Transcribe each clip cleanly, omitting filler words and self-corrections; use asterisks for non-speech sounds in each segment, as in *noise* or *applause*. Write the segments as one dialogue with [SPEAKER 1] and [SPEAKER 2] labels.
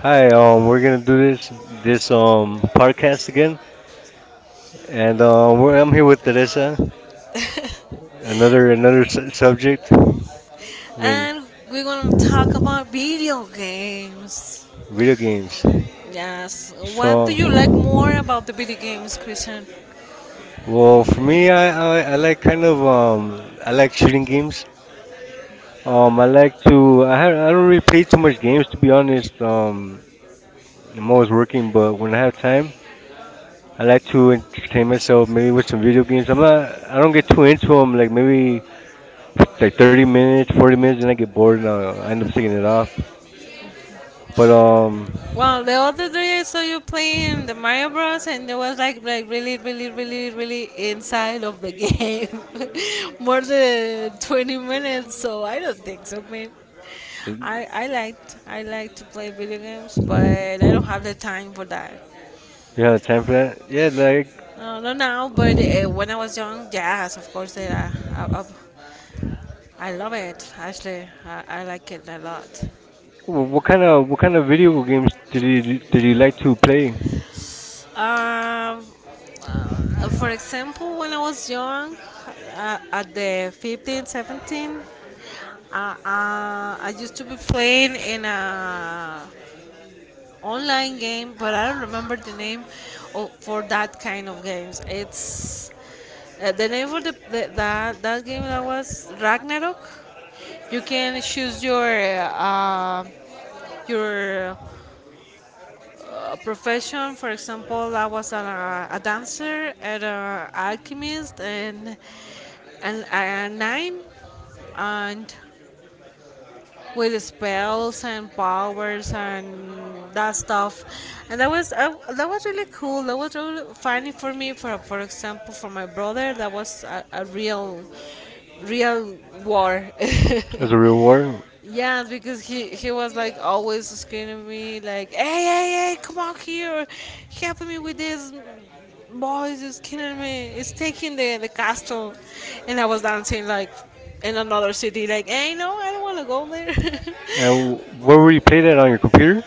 [SPEAKER 1] Hi. We're gonna do this podcast again, and I'm here with Teresa. Another subject. Mean, video games. So, for me, I like I like shooting games. I like to I ha- I don't really play too much games to be honest. I'm always working, but when I have time, I like to entertain myself maybe with some video games. I don't get too into them. Like maybe it's like 30 minutes, 40 minutes, and I get bored and I end up taking it off. But You have time for that? Yeah, like what kind of video games did you like to play as a reward? And where were you play that, on your computer?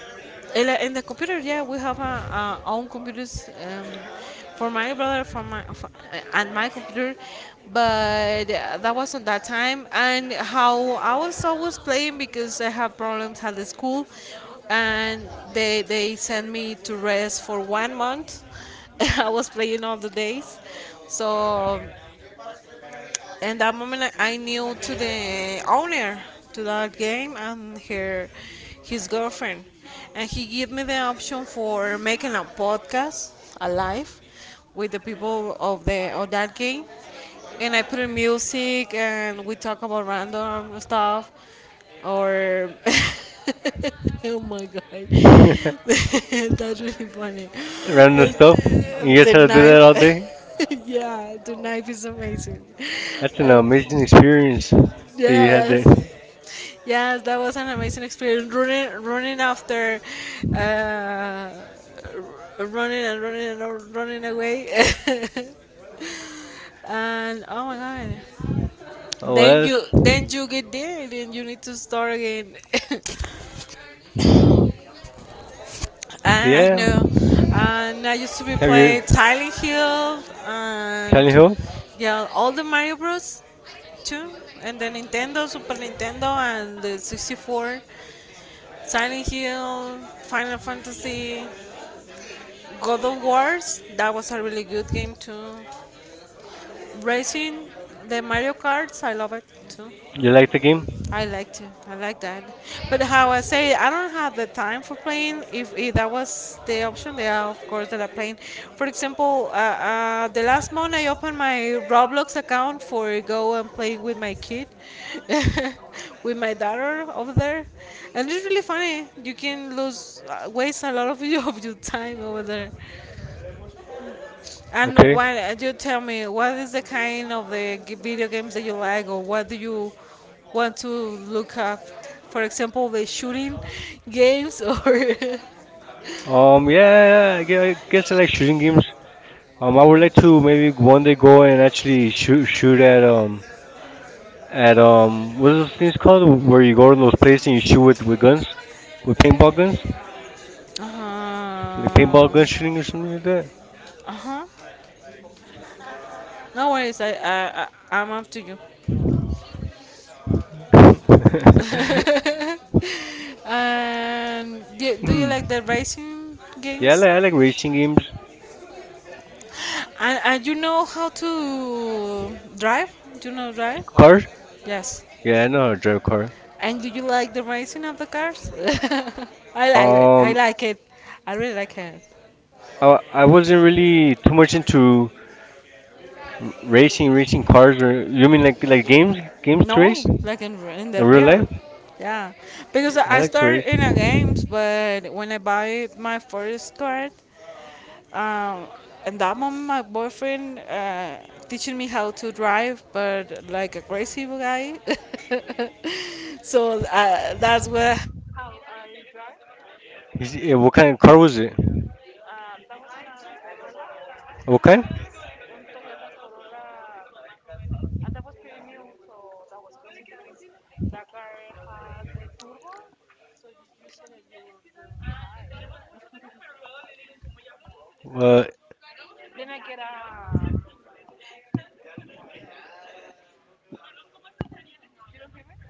[SPEAKER 1] *laughs* Random stuff. You guys had to do that all day. That's an amazing experience that you had there. Oh, well, that's, yeah. Have you Silent Hill? You like the game? Okay. Yeah. I guess I like shooting games. I would like to maybe one day go and actually shoot at at what are those things called where you go to those places and you shoot with guns, with paintball guns, like paintball gun shooting or something like that. *laughs* Hmm. Yeah. I like racing games. Cars. Yeah, I know how to drive a car. Um. I wasn't really too much into racing, racing cars, or you mean like games, games to race in real life? Yeah, I like to race. What kind of car was it? What kind? Uh,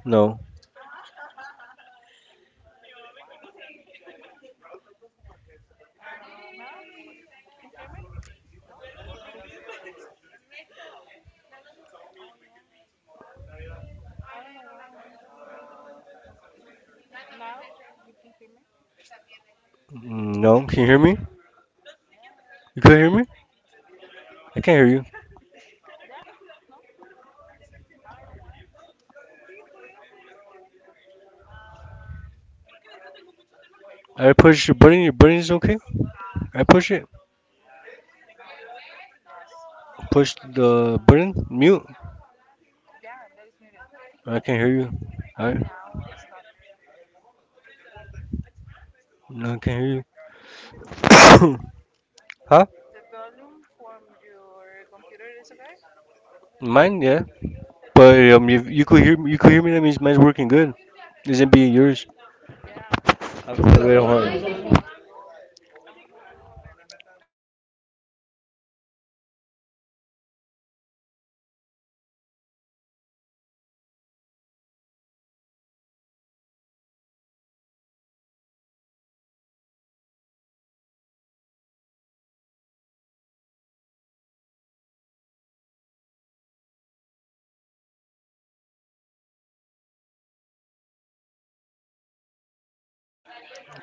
[SPEAKER 1] no. Mm, no. Can you hear me? You can hear me? I can't hear you. I push your button. Your button is okay. I push it. Push the button. Mute. I can't hear you. I No, I can't hear you. *coughs* Huh? Mine, yeah. But you could hear me. You could hear me. That means mine's working good. Isn't being yours. I don't want.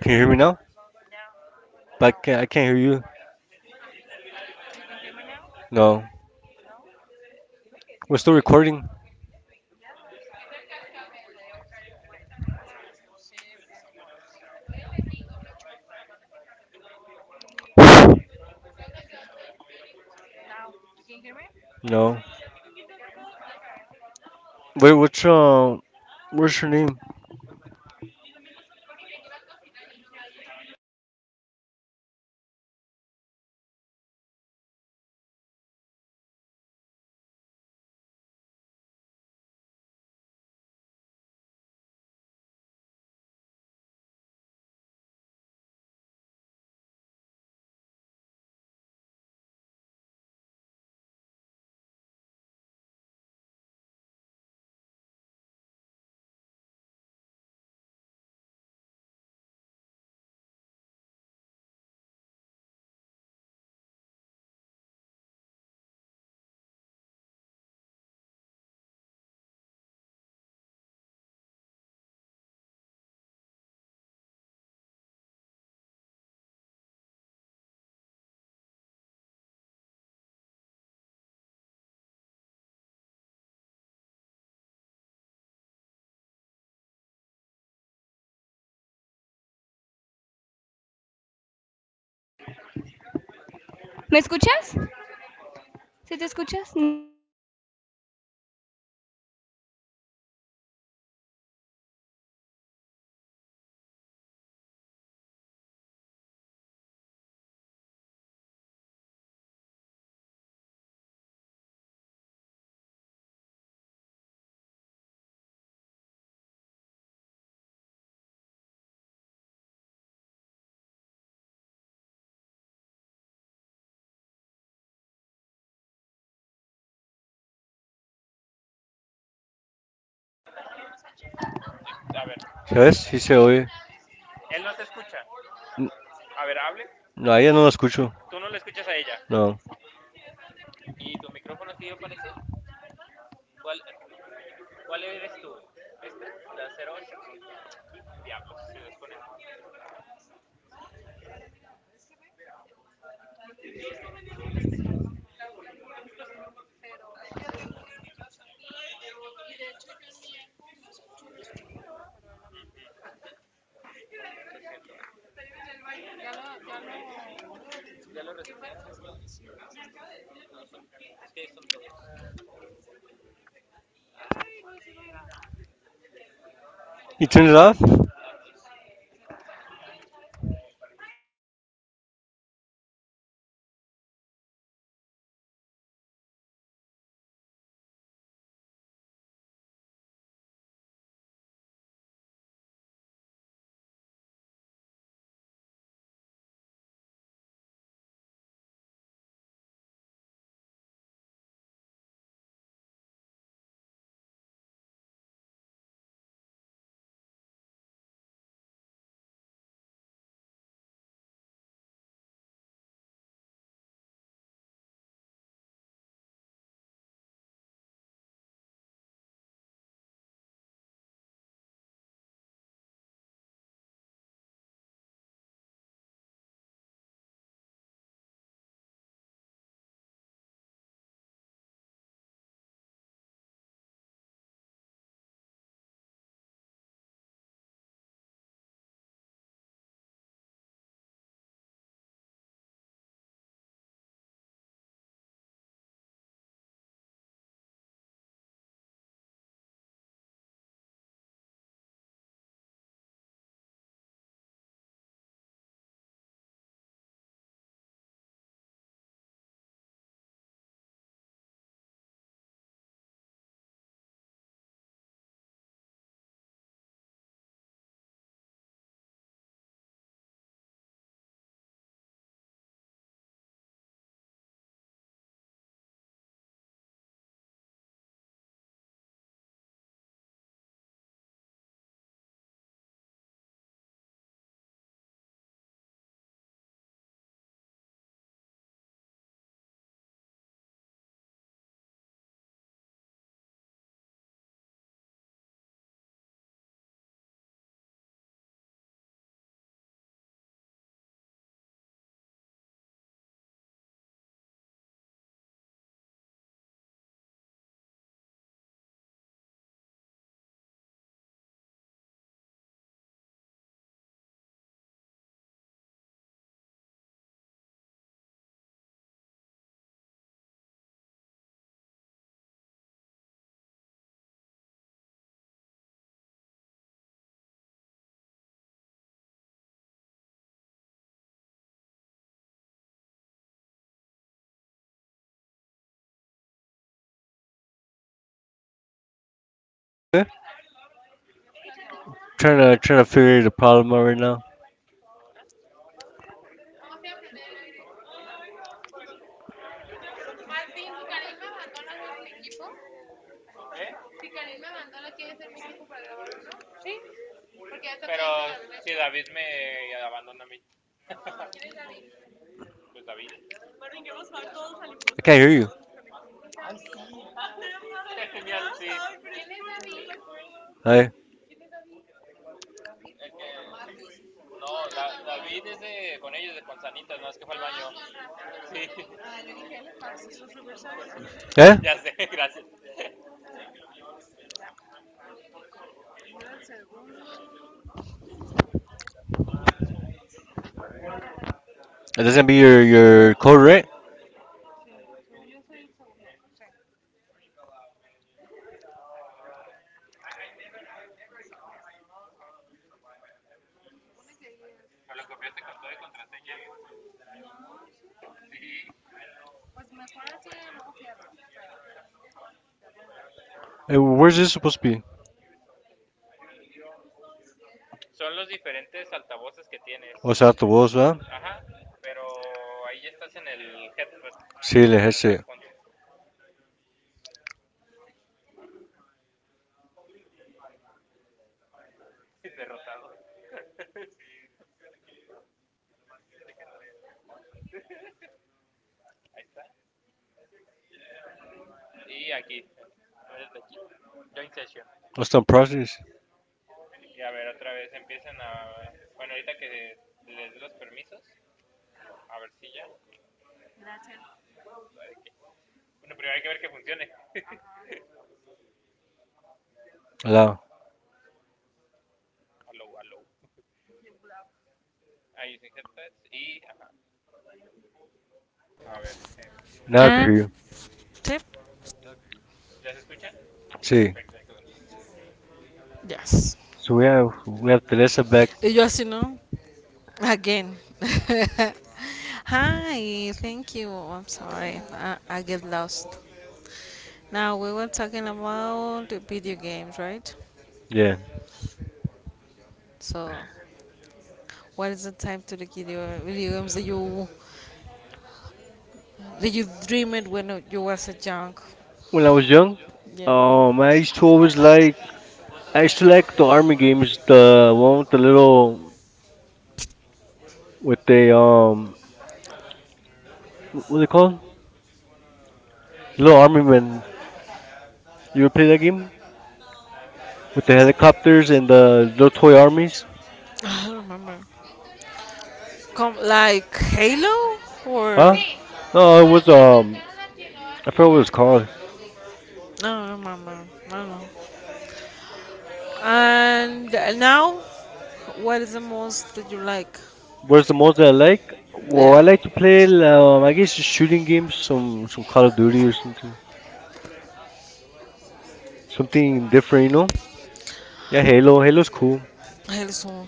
[SPEAKER 1] Can you hear me now? But I can't hear you. No. We're still recording? No. Wait, what's your name? Yes, he said, oye. N- No, ya no lo escucho. No. You turned it off? Trying to figure the problem out right now. I can't hear you. Hi. Eh? *laughs* That's gonna be your code, right? Eh, where's this supposed to be? O Oh, it's after voz, ¿verdad? Sí, le ese. What's the process? Hello. Now I can hear
[SPEAKER 2] And
[SPEAKER 1] you.
[SPEAKER 2] tip,
[SPEAKER 1] See.
[SPEAKER 2] yes.
[SPEAKER 1] So we have Teresa back.
[SPEAKER 2] You just, you know, again. *laughs* Hi, thank you. I'm sorry. I get lost. Now, we were talking about the video games, right?
[SPEAKER 1] Yeah.
[SPEAKER 2] So, what is the type to the video games that you dreamed when you was a junk?
[SPEAKER 1] When I was young,
[SPEAKER 2] Yeah.
[SPEAKER 1] I used to always like I used to like the army games, the one with the little, with the what are they called? Little army men. You ever play that game with the helicopters and the little toy armies?
[SPEAKER 2] I don't remember. Come like Halo
[SPEAKER 1] Huh?
[SPEAKER 2] or
[SPEAKER 1] No, it was I forgot what it was called.
[SPEAKER 2] no, I don't remember. I don't know. And Now, what is the most that you like?
[SPEAKER 1] Where's the most that I like? Well, I
[SPEAKER 2] Yeah,
[SPEAKER 1] like to play I guess just shooting games, some Call of Duty or something, something different, you know? Yeah, Halo. Halo's cool.
[SPEAKER 2] also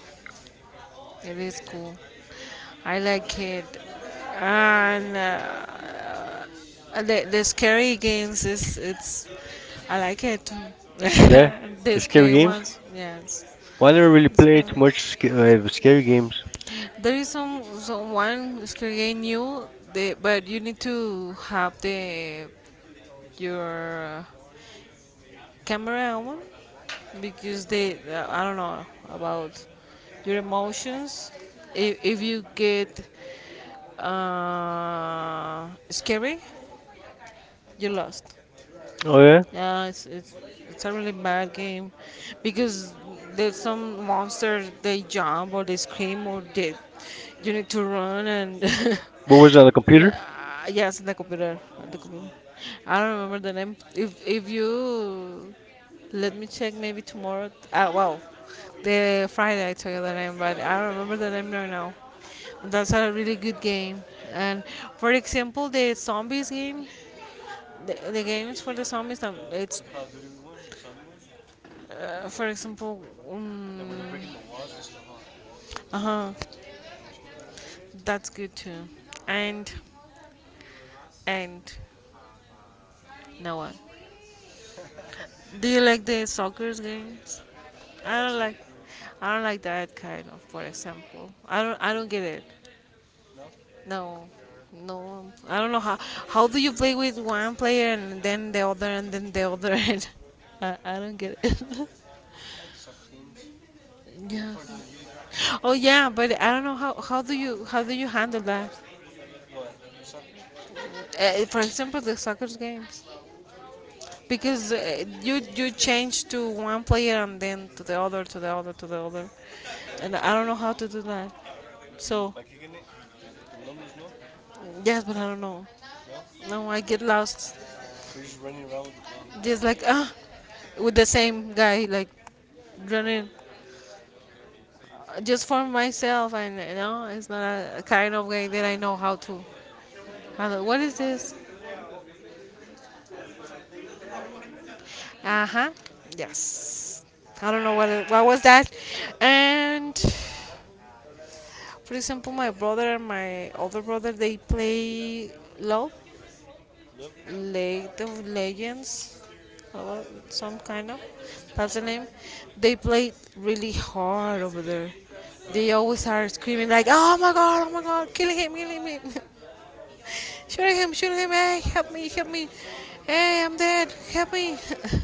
[SPEAKER 2] it is cool. I like it, and The scary games is it's I like it. Too. *laughs*
[SPEAKER 1] Yeah,
[SPEAKER 2] The
[SPEAKER 1] the scary
[SPEAKER 2] scary
[SPEAKER 1] games.
[SPEAKER 2] ones, yes.
[SPEAKER 1] Well, I never really played too much scary games.
[SPEAKER 2] There is some one scary game new, the, but you need to have the your camera woman because they I don't know about your emotions if you get scary you lost
[SPEAKER 1] Oh yeah,
[SPEAKER 2] yeah, it's it's a really bad game because there's some monster they jump or they scream or they you need to run and
[SPEAKER 1] what was it on the
[SPEAKER 2] *laughs*
[SPEAKER 1] computer?
[SPEAKER 2] yeah, yes, in the computer,
[SPEAKER 1] Yeah,
[SPEAKER 2] at
[SPEAKER 1] what
[SPEAKER 2] the
[SPEAKER 1] was it
[SPEAKER 2] computer.
[SPEAKER 1] called?
[SPEAKER 2] I don't remember the name.
[SPEAKER 1] Yeah.
[SPEAKER 2] If you let me check maybe tomorrow. The Friday I tell you the name, but I don't remember the name right now. That's a really good game. And for example, the zombies game, the games for the zombies, it's
[SPEAKER 1] The Call of Duty one, the zombie one.
[SPEAKER 2] for example, um,
[SPEAKER 1] Like when they're breaking the walls and stuff, huh? The doors.
[SPEAKER 2] uh-huh,
[SPEAKER 1] Oh yeah, that was cool.
[SPEAKER 2] that's good too. And and no one. Do you
[SPEAKER 1] *laughs*
[SPEAKER 2] like the soccer games?
[SPEAKER 1] Yeah, I
[SPEAKER 2] I
[SPEAKER 1] like
[SPEAKER 2] don't
[SPEAKER 1] soccer
[SPEAKER 2] like
[SPEAKER 1] games.
[SPEAKER 2] I don't like that kind of, for example. I don't get it.
[SPEAKER 1] No,
[SPEAKER 2] No. No. I don't know how do you play with one player and then the other and then the other *laughs* and I don't get it.
[SPEAKER 1] I like the soccer games.
[SPEAKER 2] *laughs*
[SPEAKER 1] What
[SPEAKER 2] Yeah.
[SPEAKER 1] part don't you get?
[SPEAKER 2] Oh yeah, but I don't know how how do you handle that?
[SPEAKER 1] What, the soccer?
[SPEAKER 2] For example, the soccer games. Because you you change to one player and then to the other to the other
[SPEAKER 1] Oh yeah.
[SPEAKER 2] and I don't know how to do that so
[SPEAKER 1] By kicking it, with the numbers. No,
[SPEAKER 2] yes but I don't know
[SPEAKER 1] no.
[SPEAKER 2] no I get lost
[SPEAKER 1] So you're just running around with the ball.
[SPEAKER 2] just like ah with the same guy like running just for myself and you know it's not a kind of game that I know how to handle what is this uh-huh yes I don't know what it, what was that and for example, my brother and my other brother they play LOL,
[SPEAKER 1] Love.
[SPEAKER 2] League of Legends, uh, some kind of. That's the name. They play really hard over there.
[SPEAKER 1] Yeah.
[SPEAKER 2] They always are screaming like, "Oh my god! Oh my god! Killing him! Killing him! *laughs* Shooting him! Shooting him! Hey, help me! Help me! Hey, I'm dead! Help me!"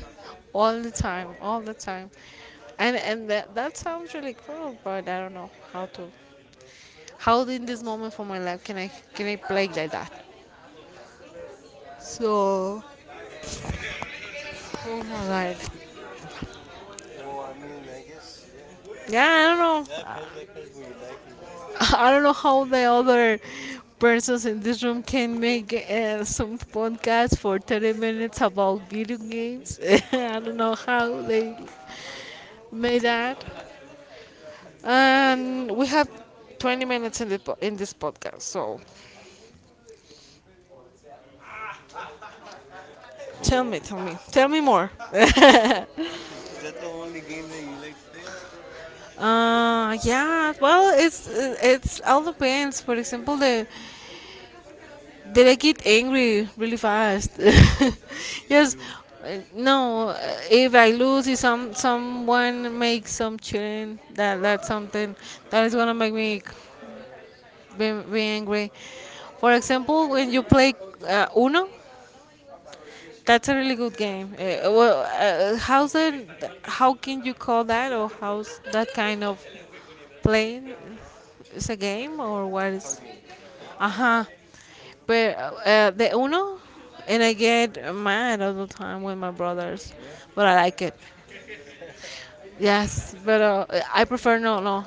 [SPEAKER 2] *laughs* All the time, all the time. And that, that sounds really cool, but I don't know how to how in this moment for my life can I play like that? So oh my god.
[SPEAKER 1] Well, I mean, I guess yeah.
[SPEAKER 2] Yeah, I don't
[SPEAKER 1] Yeah, it
[SPEAKER 2] know.
[SPEAKER 1] depends. It depends what you like or what.
[SPEAKER 2] *laughs* I don't know how the other persons in this room can make some podcast for 30 minutes about video games. *laughs* I don't know how they made that. And we have 20 minutes in the po- in this podcast. So tell me,
[SPEAKER 1] So,
[SPEAKER 2] tell me,
[SPEAKER 1] w-
[SPEAKER 2] tell me
[SPEAKER 1] i-
[SPEAKER 2] more. *laughs*
[SPEAKER 1] is that the only game that you like to play?
[SPEAKER 2] Yeah. Well, it's all depends. For example, the did I get angry really fast?
[SPEAKER 1] Yeah,
[SPEAKER 2] *laughs*
[SPEAKER 1] 'cause you
[SPEAKER 2] Yes.
[SPEAKER 1] lose.
[SPEAKER 2] No. If I lose, if someone makes some cheating, that that's something that is gonna make me be angry. For example, when you play Uno, that's a really good game. How's it? How can you call that, or how's that kind of playing? It's a game, or what
[SPEAKER 1] A card
[SPEAKER 2] is?
[SPEAKER 1] game.
[SPEAKER 2] Uh-huh. But the Uno, and I get mad all the time with my brothers,
[SPEAKER 1] Yeah.
[SPEAKER 2] but I like it.
[SPEAKER 1] *laughs*
[SPEAKER 2] Yes, but I prefer no, no,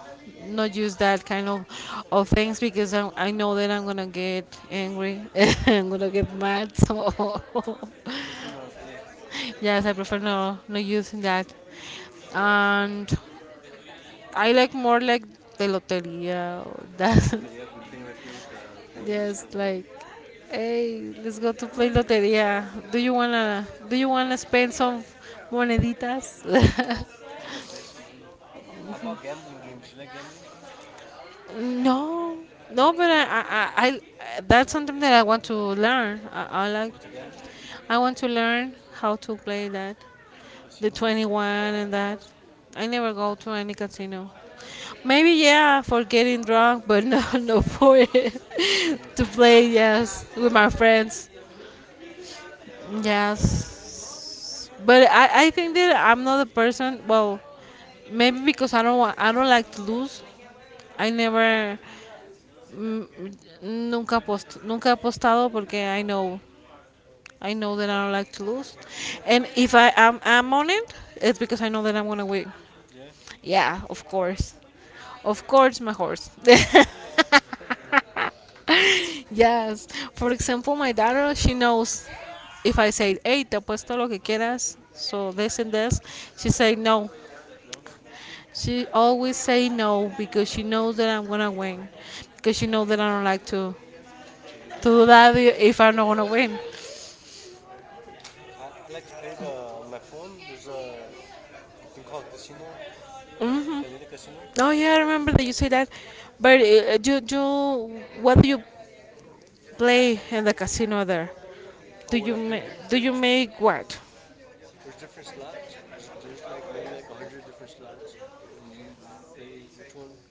[SPEAKER 2] not use that kind of things because I know that I'm gonna get angry, *laughs* I'm gonna get mad. So *laughs*
[SPEAKER 1] You prefer not to play.
[SPEAKER 2] yes, I prefer no, not using that. And I like more like the lotería or that.
[SPEAKER 1] Look,
[SPEAKER 2] *laughs*
[SPEAKER 1] you be playing right there with the coins and
[SPEAKER 2] Yes,
[SPEAKER 1] stuff. Huh?
[SPEAKER 2] like, hey, let's go to play lotería. Do you wanna spend some moneditas?
[SPEAKER 1] You want to bet some money? How about gambling games? You like gambling?
[SPEAKER 2] *laughs* No,
[SPEAKER 1] You
[SPEAKER 2] no,
[SPEAKER 1] like to
[SPEAKER 2] but
[SPEAKER 1] gamble?
[SPEAKER 2] I that's something that I want to learn. I like
[SPEAKER 1] Go to gamble?
[SPEAKER 2] I want to learn how to play that,
[SPEAKER 1] The
[SPEAKER 2] the
[SPEAKER 1] casinos and stuff?
[SPEAKER 2] 21 and that. I never go to any casino.
[SPEAKER 1] No,
[SPEAKER 2] Maybe yeah, for getting drunk, but no, *laughs* no for it.
[SPEAKER 1] you been there
[SPEAKER 2] *laughs* To
[SPEAKER 1] playing?
[SPEAKER 2] play yes with my friends. Yes, but I think that I'm not a person. Well, maybe because I don't want, I don't like to lose. I never mm, nunca post nunca he apostado porque I know that I don't like to lose, and if I am on it, it's because I know that I'm gonna win.
[SPEAKER 1] Yeah.
[SPEAKER 2] Yeah, of course, my horse. *laughs* Yes. For example, my daughter, she knows if I say, hey, te apuesto lo que quieras, so this and this, she say no.
[SPEAKER 1] *laughs* No,
[SPEAKER 2] She always say no because she knows that I'm gonna win. Because she knows that I don't like
[SPEAKER 1] to
[SPEAKER 2] to
[SPEAKER 1] lose.
[SPEAKER 2] do that if I'm not gonna win.
[SPEAKER 1] I like to play the on my phone. There's a thing called casino, Calendar Casino.
[SPEAKER 2] Oh yeah, I remember that you say that. But you you what do you play in the casino there? Do
[SPEAKER 1] Over
[SPEAKER 2] you
[SPEAKER 1] at
[SPEAKER 2] ma-
[SPEAKER 1] Payday,
[SPEAKER 2] do
[SPEAKER 1] there's
[SPEAKER 2] you make what?
[SPEAKER 1] there- there's different slots. There's like maybe like a hundred different slots, and you play which one,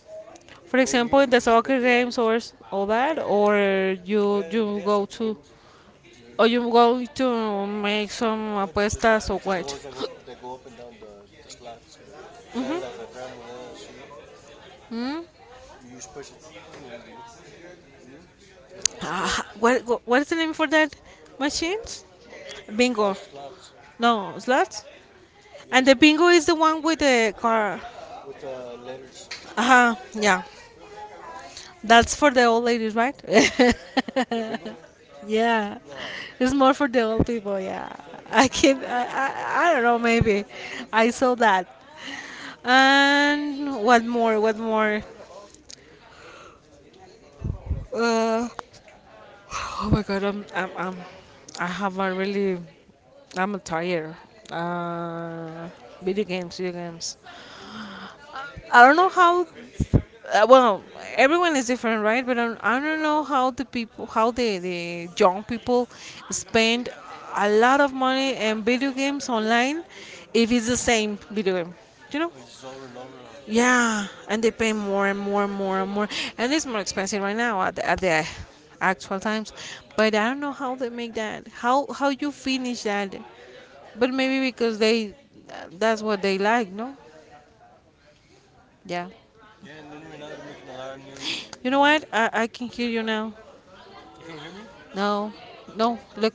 [SPEAKER 2] For
[SPEAKER 1] and then
[SPEAKER 2] example, in the
[SPEAKER 1] you just bet
[SPEAKER 2] soccer
[SPEAKER 1] the
[SPEAKER 2] games
[SPEAKER 1] lines.
[SPEAKER 2] or s- all that, or
[SPEAKER 1] Oh
[SPEAKER 2] you
[SPEAKER 1] yeah,
[SPEAKER 2] you
[SPEAKER 1] they have
[SPEAKER 2] go
[SPEAKER 1] soccer
[SPEAKER 2] to
[SPEAKER 1] games. The,
[SPEAKER 2] or
[SPEAKER 1] but
[SPEAKER 2] you go to make some
[SPEAKER 1] not
[SPEAKER 2] apuestas or
[SPEAKER 1] just the
[SPEAKER 2] what?
[SPEAKER 1] ones that go that go up and down the slots. The kind of like the tres monedas, you know.
[SPEAKER 2] Hmm?
[SPEAKER 1] You just push it, tin, tin, tin, and it goes. Tin, tin, tin, you mean? Eh, or
[SPEAKER 2] Uh,
[SPEAKER 1] scroll.
[SPEAKER 2] what what is the name for that machines?
[SPEAKER 1] They're called
[SPEAKER 2] Bingo.
[SPEAKER 1] slots.
[SPEAKER 2] No, slots.
[SPEAKER 1] Yeah,
[SPEAKER 2] And the
[SPEAKER 1] slots
[SPEAKER 2] bingo is the one with the car.
[SPEAKER 1] with the letters,
[SPEAKER 2] Uh-huh. Yeah.
[SPEAKER 1] letters
[SPEAKER 2] That's
[SPEAKER 1] and
[SPEAKER 2] for the
[SPEAKER 1] numbers.
[SPEAKER 2] old ladies, right? *laughs*
[SPEAKER 1] The bingo.
[SPEAKER 2] Yeah.
[SPEAKER 1] No.
[SPEAKER 2] It's more for the old people, yeah. I
[SPEAKER 1] *laughs*
[SPEAKER 2] can I, I, I don't know, maybe. I saw that. And what more? What more? Uh, oh my god, I'm I have a really I'm tired. Uh, video games, video games. I don't know how. Uh, well, everyone is different, right? But I don't know how the people, how the young people spend a lot of money in video games online, if it's the same video game. You know?
[SPEAKER 1] Oh, it's just over and over, huh?
[SPEAKER 2] Yeah, and they pay more and more and more and more, and it's more expensive right now at at the actual times. But I don't know how they make that. How you finish that? But maybe because they, that's what they like, no? Yeah.
[SPEAKER 1] Yeah, and then right now they're making a lot of new,
[SPEAKER 2] You know what?
[SPEAKER 1] new.
[SPEAKER 2] I can hear you now.
[SPEAKER 1] You can't hear me?
[SPEAKER 2] No, no. Look,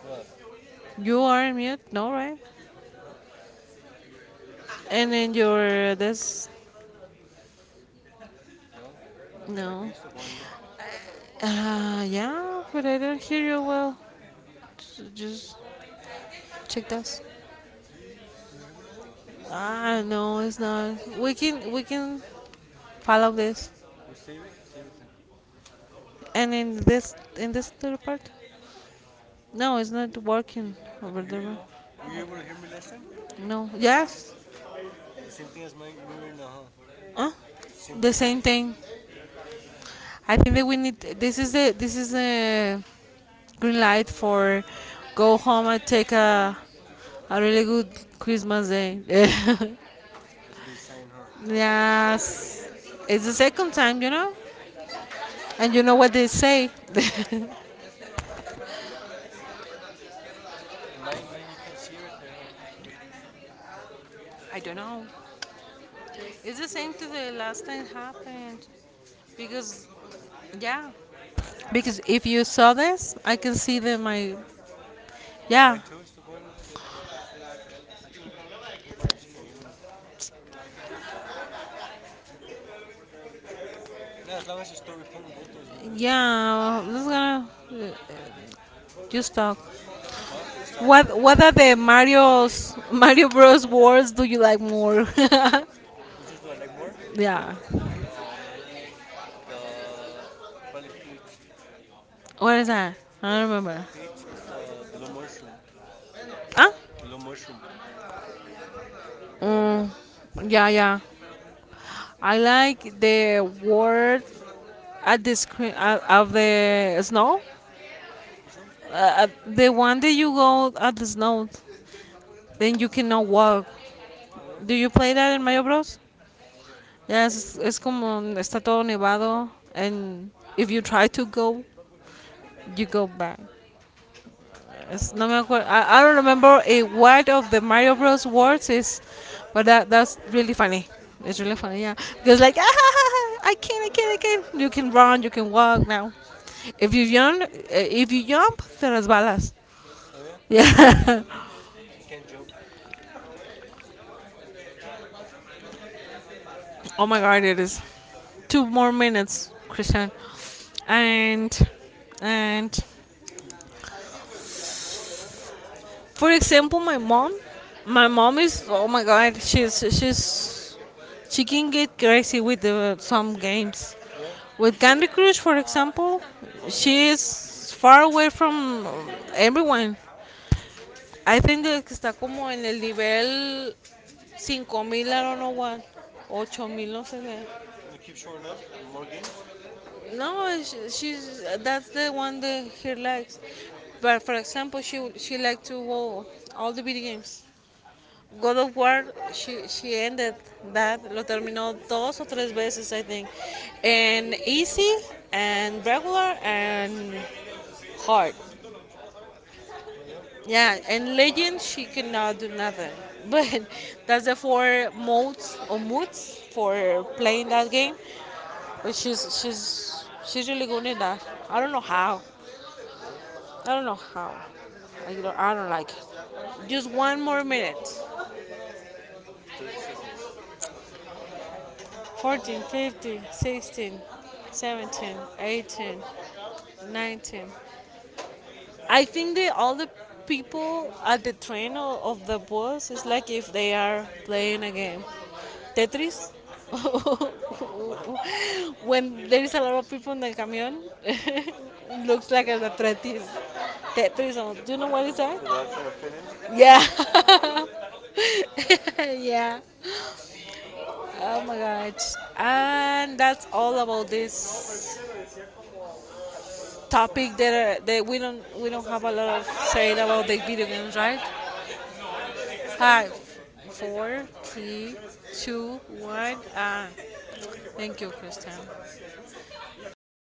[SPEAKER 1] What?
[SPEAKER 2] you are in mute. No, right?
[SPEAKER 1] Huh?
[SPEAKER 2] And then your this.
[SPEAKER 1] No, M- my
[SPEAKER 2] No.
[SPEAKER 1] thing's still going. Look,
[SPEAKER 2] Yeah, but I don't hear you well. S- just check this.
[SPEAKER 1] you hear me no more?
[SPEAKER 2] Ah, no, it's not. We can follow this.
[SPEAKER 1] We'll save it. Save it then.
[SPEAKER 2] And in this little part. No, it's not working
[SPEAKER 1] I
[SPEAKER 2] over
[SPEAKER 1] could hear you
[SPEAKER 2] there.
[SPEAKER 1] though. Were you able to hear me last time?
[SPEAKER 2] No. Yes.
[SPEAKER 1] The same thing as my mirror now, huh?
[SPEAKER 2] Huh?
[SPEAKER 1] The same thing
[SPEAKER 2] The
[SPEAKER 1] as mine.
[SPEAKER 2] same thing. I think that we need. This is the green light for go home and take a really good Christmas day. *laughs*
[SPEAKER 1] That's a good sign, huh?
[SPEAKER 2] Yes, it's the second time, you know, and you know what they say. *laughs*
[SPEAKER 1] And mine, you can't see it right there, huh?
[SPEAKER 2] I don't know. It's the same to the last time happened because yeah, because if you saw this, I can see that my yeah
[SPEAKER 1] Mine too is still going. Look, I think we're. But you just can't hear me. Nah, as long as you're still recording both those, we're good.
[SPEAKER 2] yeah. This is gonna just talk.
[SPEAKER 1] Huh? You just talk, huh?
[SPEAKER 2] What are the Mario's *laughs* Mario Bros. Wars do you like more?
[SPEAKER 1] Which ones do I like more?
[SPEAKER 2] *laughs* Yeah.
[SPEAKER 1] I like the probably peach.
[SPEAKER 2] What is that? I don't remember.
[SPEAKER 1] Peach is the little mushroom,
[SPEAKER 2] Huh?
[SPEAKER 1] the little mushroom, the ongo.
[SPEAKER 2] Mm, yeah, yeah. I like the word at the screen of the snow.
[SPEAKER 1] Which one?
[SPEAKER 2] The one that you go at the snow, then you cannot walk.
[SPEAKER 1] Oh yeah.
[SPEAKER 2] Do you play that in Mario Bros? Yes, it's como está todo nevado, and if you try to go,
[SPEAKER 1] Oh,
[SPEAKER 2] you go back.
[SPEAKER 1] I don't
[SPEAKER 2] It's,
[SPEAKER 1] know
[SPEAKER 2] no me
[SPEAKER 1] which one.
[SPEAKER 2] acuerdo. I don't remember a word of the Mario Bros words is, but that's really funny. It's
[SPEAKER 1] Yeah.
[SPEAKER 2] really funny, yeah. Because like, *laughs* I can't. You can run, you can walk now. If you jump, if you jump, te resbalas.
[SPEAKER 1] Oh yeah.
[SPEAKER 2] Yeah. *laughs*
[SPEAKER 1] She can't jump.
[SPEAKER 2] Oh my God, it is two more minutes, Christian, and and
[SPEAKER 1] *laughs*
[SPEAKER 2] for example, my mom is oh my god, she's she can get crazy with the, some games.
[SPEAKER 1] Yeah.
[SPEAKER 2] With Candy Crush, for example,
[SPEAKER 1] Oh yeah. I
[SPEAKER 2] she
[SPEAKER 1] like crackers.
[SPEAKER 2] is far away from everyone. I think that está como en el nivel 5,000, I don't know what, 8,000, no sé qué.
[SPEAKER 1] And they keep showing up. More games.
[SPEAKER 2] No, she's that's the one that he likes. But for example, she likes to go all the video games. God of War, she ended that, lo terminó dos o tres veces, I think. And easy, and regular, and hard.
[SPEAKER 1] Oh yeah.
[SPEAKER 2] Yeah, and legend, she cannot do nothing. *laughs* But that's the four modes or moods for playing that game. But she's she's really good in that. I don't know how.
[SPEAKER 1] Oh yeah.
[SPEAKER 2] I don't know how. I don't like it. Just one more minute.
[SPEAKER 1] 30 seconds. *laughs*
[SPEAKER 2] 14, 15, 16, 17, 18, 19. I think that all the people at the train or of the bus is like if they are playing a game. Tetris? *laughs*
[SPEAKER 1] Why?
[SPEAKER 2] When there is a lot of people in the camion, *laughs* looks like a Tetris. Tetris, or- do you know what is that?
[SPEAKER 1] They're all trying to fit in.
[SPEAKER 2] Yeah. *laughs* Yeah. Oh my gosh. And that's all about this topic that, that we don't have a lot of saying about the video games, right? Five, four, three, two, one, and thank you, Christian.
[SPEAKER 1] Thank you.